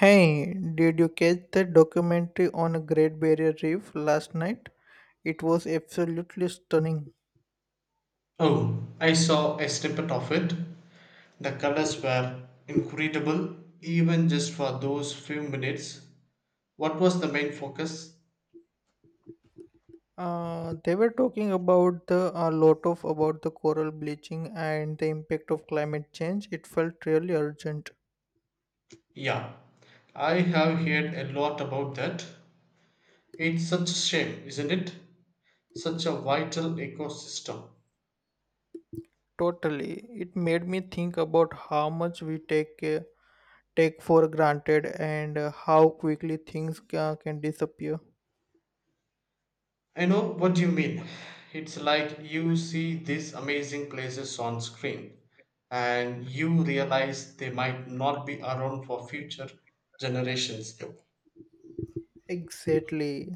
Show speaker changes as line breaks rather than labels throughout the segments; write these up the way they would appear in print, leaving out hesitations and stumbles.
Hey, did you catch that documentary on a Great Barrier Reef last night? It was absolutely stunning.
Oh, I saw a snippet of it. The colors were incredible, even just for those few minutes. What was the main focus?
They were talking about the a lot of about the coral bleaching and the impact of climate change. It felt really urgent.
Yeah, I have heard a lot about that. It's such a shame, isn't it? Such a vital ecosystem.
Totally, it made me think about how much we take take for granted and how quickly can disappear.
I know what you mean. It's like you see these amazing places on screen and you realize they might not be around for future generations.
Exactly.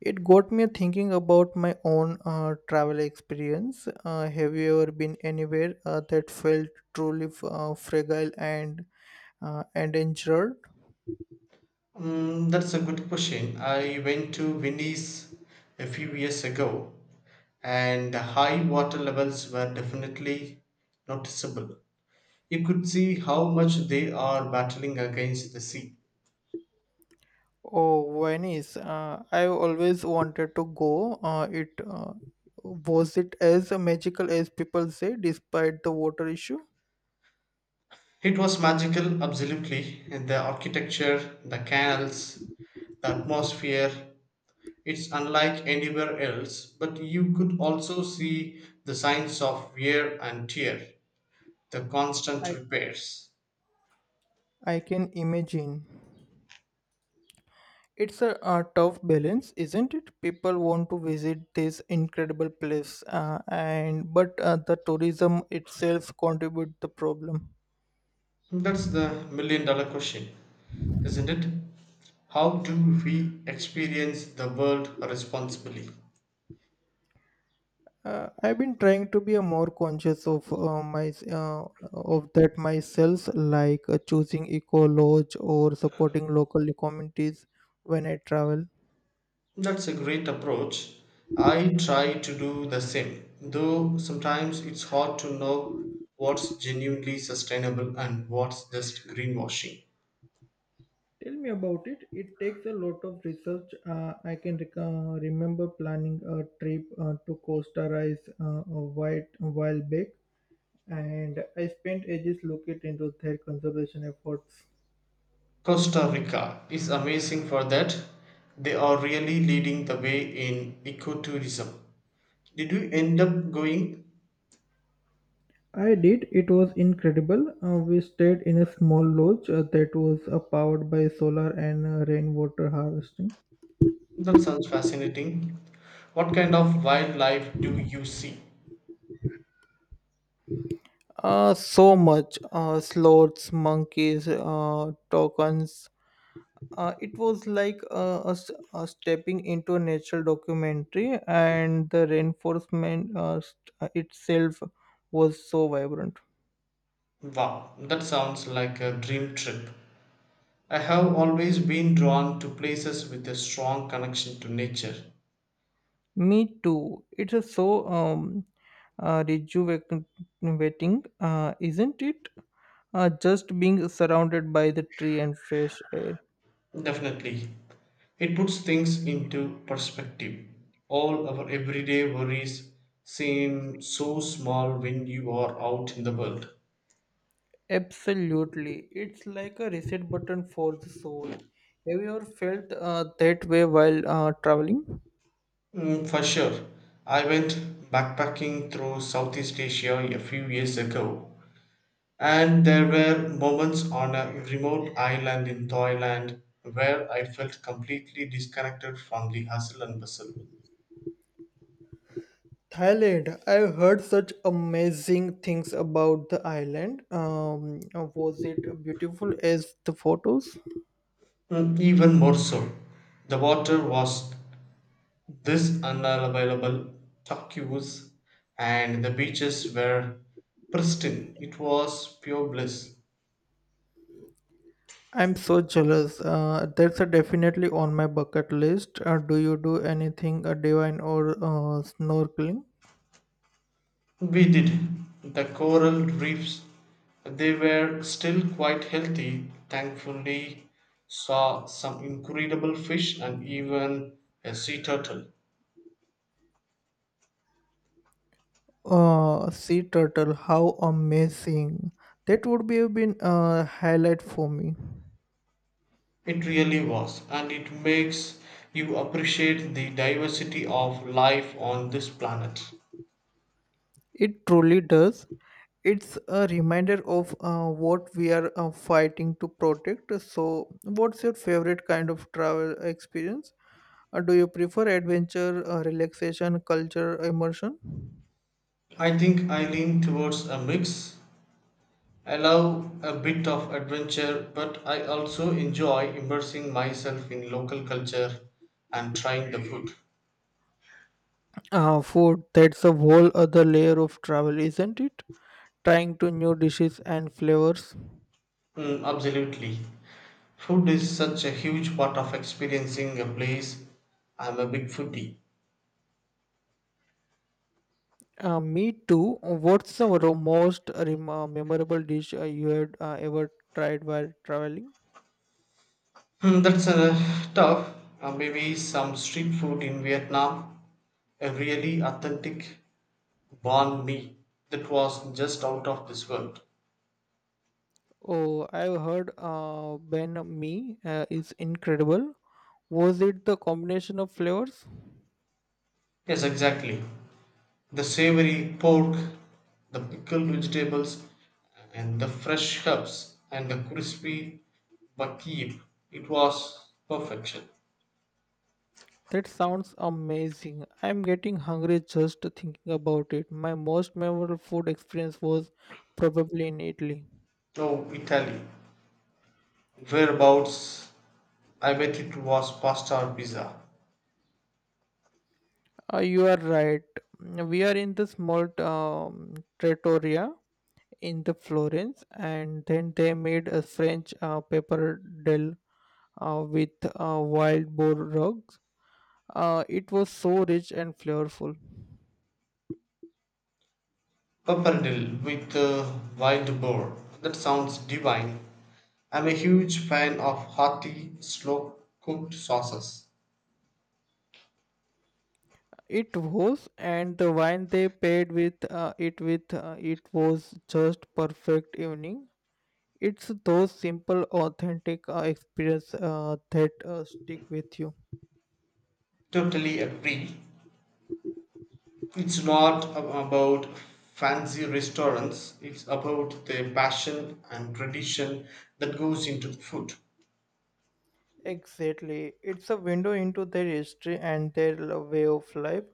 It got me thinking about my own travel experience. Have you ever been anywhere that felt truly fragile and endangered?
Mm, that's a good question. I went to Venice a few years ago, and the high water levels were definitely noticeable. You could see how much they are battling against the sea.
Oh, Venice. I always wanted to go. It was it as magical as people say, despite the water issue?
It was magical, absolutely. And The architecture, the canals, the atmosphere, it's unlike anywhere else, but you could also see the signs of wear and tear, the constant
I
repairs.
I can imagine. It's a tough balance, isn't it? People want to visit this incredible place, and but the tourism itself contribute the problem.
That's the million dollar question, isn't it? How do we experience the world responsibly?
I've been trying to be a more conscious of my of that myself, like choosing eco lodge or supporting local communities when I travel.
That's a great approach. I try to do the same, though sometimes it's hard to know what's genuinely sustainable and what's just greenwashing.
Tell me about it. It takes a lot of research. Uh, remember planning a trip to Costa Rica, a while back, and I spent ages looking into their conservation efforts.
Costa Rica is amazing for that. They are really leading the way in ecotourism. Did you end up going?
I did. It was incredible. We stayed in a small lodge that was powered by solar and rainwater harvesting.
That sounds fascinating. What kind of wildlife do you see?
So much, sloths, monkeys, tokens. It was like us stepping into a nature documentary, and the reinforcement itself was so vibrant.
Wow, that sounds like a dream trip. I have always been drawn to places with a strong connection to nature.
Me too. It's a so rejuvenating, isn't it? Just being surrounded by the tree and fresh air.
Definitely. It puts things into perspective. All our everyday worries seem so small when you are out in the world.
Absolutely. It's like a reset button for the soul. Have you ever felt that way while traveling?
Mm, for sure. I went backpacking through Southeast Asia a few years ago, and there were moments on a remote island in Thailand where I felt completely disconnected from the hustle and bustle.
Thailand. I've heard such amazing things about the island. Was it beautiful as the photos?
Mm, even more so, the water was this unavailable, turquoise, and the beaches were pristine. It was pure bliss.
I'm so jealous. That's definitely on my bucket list. Do you do anything divine or snorkeling?
We did. The coral reefs, they were still quite healthy. Thankfully, saw some incredible fish and even a sea turtle.
Sea turtle, how amazing! That would be have been a highlight for me.
It really was, and it makes you appreciate the diversity of life on this planet.
It truly does. It's a reminder of what we are fighting to protect. So, what's your favorite kind of travel experience? Do you prefer adventure, relaxation, culture, immersion?
I think I lean towards a mix. I love a bit of adventure, but I also enjoy immersing myself in local culture and trying the food.
Food, that's a whole other layer of travel, isn't it? Trying to new dishes and flavors.
Mm, absolutely. Food is such a huge part of experiencing a place. I'm a big foodie.
Me too. What's the memorable dish you had ever tried while traveling?
Hmm, that's tough. Maybe some street food in Vietnam. A really authentic banh mi that was just out of this world.
Oh, I've heard Ben Me is incredible. Was it the combination of flavors?
Yes, exactly. The savory pork, the pickled vegetables, and the fresh herbs, and the crispy bakib. It was perfection.
That sounds amazing. I'm getting hungry just thinking about it. My most memorable food experience was probably in Italy.
Oh, Italy. Whereabouts? I bet it was pasta or pizza.
You are right. We are in the small trattoria in the Florence, and then they made a French paper del with wild boar rugs. It was so rich and flavorful.
Pappardelle with wild boar. That sounds divine. I'm a huge fan of hearty, slow cooked sauces.
It was, and the wine they paired with it with it was just perfect evening. It's those simple, authentic experience that stick with you.
Totally agree. It's not about fancy restaurants, it's about the passion and tradition that goes into the food.
Exactly. It's a window into their history and their way of life.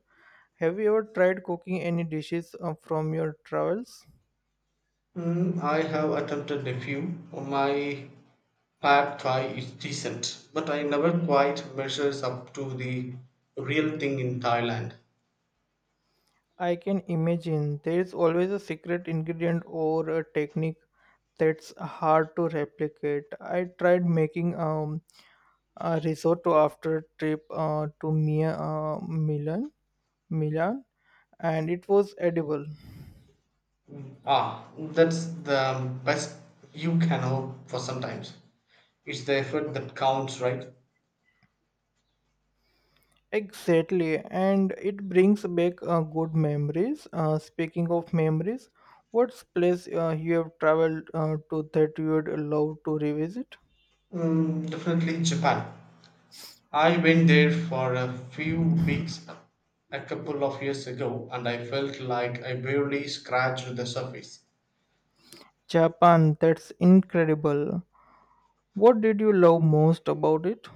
Have you ever tried cooking any dishes from your travels?
Mm, I have attempted a few. Oh, my Pad Thai is decent, but I never quite measures up to the real thing in Thailand.
I can imagine there is always a secret ingredient or a technique that's hard to replicate. I tried making a risotto after a trip to Milan, and it was edible.
Ah, that's the best you can hope for sometimes. It's the effort that counts, right?
Exactly, and it brings back good memories. Speaking of memories, what's place you have traveled to that you would love to revisit?
Mm, definitely Japan. I went there for a few weeks a couple of years ago and I felt like I barely scratched the surface.
Japan, that's incredible. What did you love most about it?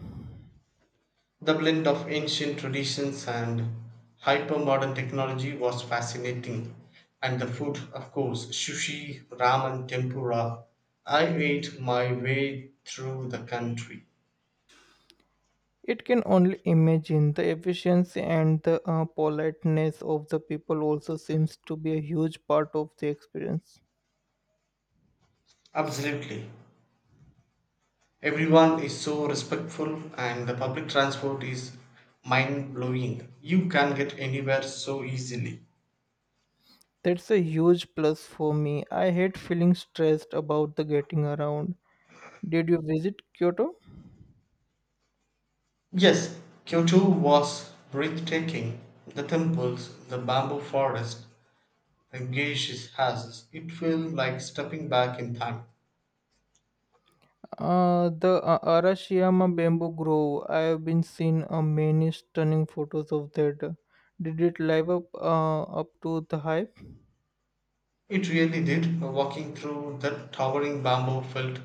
The blend of ancient traditions and hypermodern technology was fascinating. And the food, of course, sushi, ramen, tempura. I ate my way through the country.
It can only imagine the efficiency and the politeness of the people also seems to be a huge part of the experience.
Absolutely. Everyone is so respectful, and the public transport is mind blowing. You can get anywhere so easily.
That's a huge plus for me. I hate feeling stressed about the getting around. Did you visit Kyoto?
Yes, Kyoto was breathtaking. The temples, the bamboo forest, Gesche has. It felt like stepping back in time.
The Arashiyama bamboo grove. I have been seeing many stunning photos of that. Did it live up to the hype?
It really did. Walking through that towering bamboo felt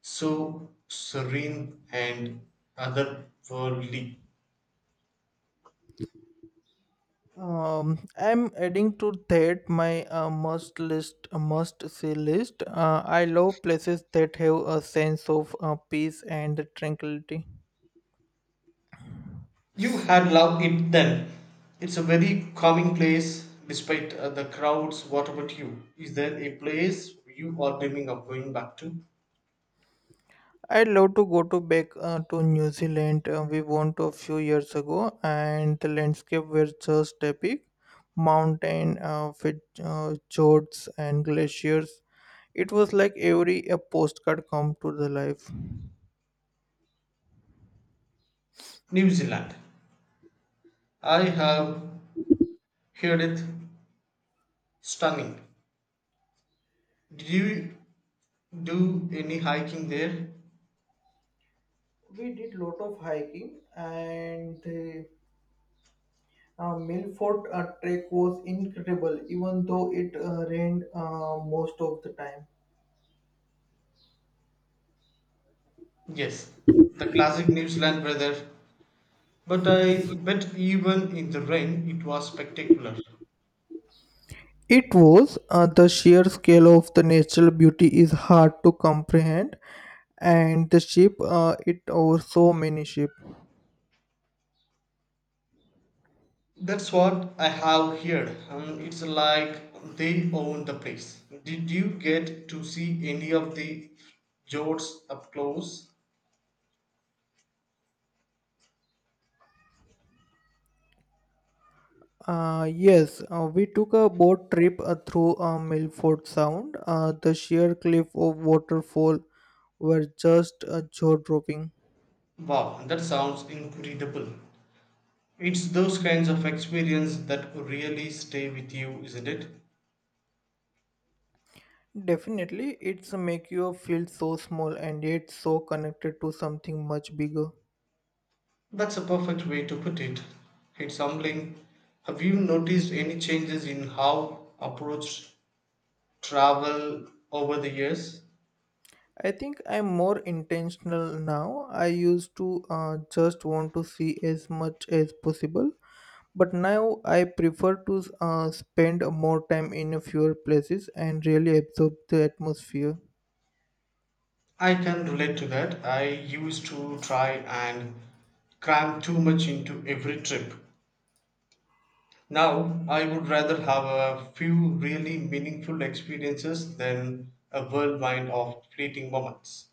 so serene and otherworldly.
I'm adding to that my must see list. I love places that have a sense of peace and tranquility.
You had loved it then. It's a very calming place despite the crowds. What about you? Is there a place you are dreaming of going back to?
I'd love to go to back to New Zealand. We went a few years ago, and the landscape was just epic. Mountain, with fjords and glaciers. It was like every a postcard come to the life.
New Zealand. I have heard it stunning. Did you do any hiking there?
We did lot of hiking, and the Milford trek was incredible, even though it rained most of the time.
Yes, the classic New Zealand weather. But I bet even in the rain it was spectacular.
It was. The sheer scale of the natural beauty is hard to comprehend, and the ship, it over so many ships.
That's what I have heard. It's like they own the place. Did you get to see any of the fjords up close?
Yes, we took a boat trip through Milford Sound. The sheer cliff of waterfall were just jaw-dropping.
Wow, that sounds incredible. It's those kinds of experience that really stay with you, isn't it?
Definitely, it's make you feel so small and yet so connected to something much bigger.
That's a perfect way to put it. It's humbling. Have you noticed any changes in how approach travel over the years?
I think I'm more intentional now. I used to just want to see as much as possible, but now I prefer to spend more time in a fewer places and really absorb the atmosphere.
I can relate to that. I used to try and cram too much into every trip. Now, I would rather have a few really meaningful experiences than a whirlwind of fleeting moments.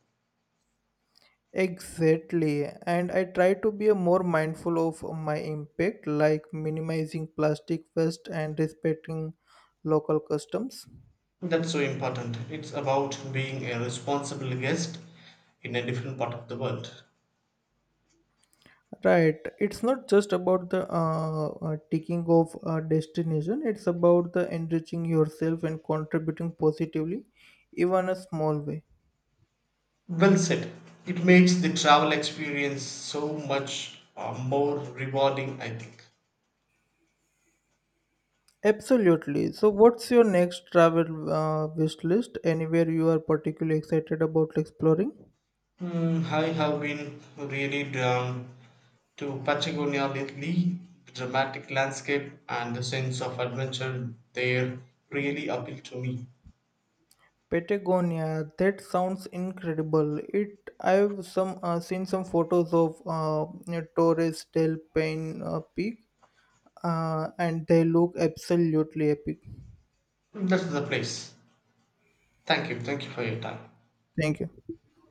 Exactly, and I try to be a more mindful of my impact, like minimizing plastic waste and respecting local customs.
That's so important. It's about being a responsible guest in a different part of the world.
Right. It's not just about the ticking off a destination, it's about the enriching yourself and contributing positively, even a small way.
Well said. It makes the travel experience so much more rewarding, I think.
Absolutely. So, what's your next travel wish list? Anywhere you are particularly excited about exploring?
Hmm, I have been really drawn to Patagonia lately. Dramatic landscape and the sense of adventure there really appeal to me.
Patagonia. That sounds incredible. It. I've some seen some photos of Torres del Paine Peak, and they look absolutely epic.
That's the place. Thank you. Thank you for your time.
Thank you.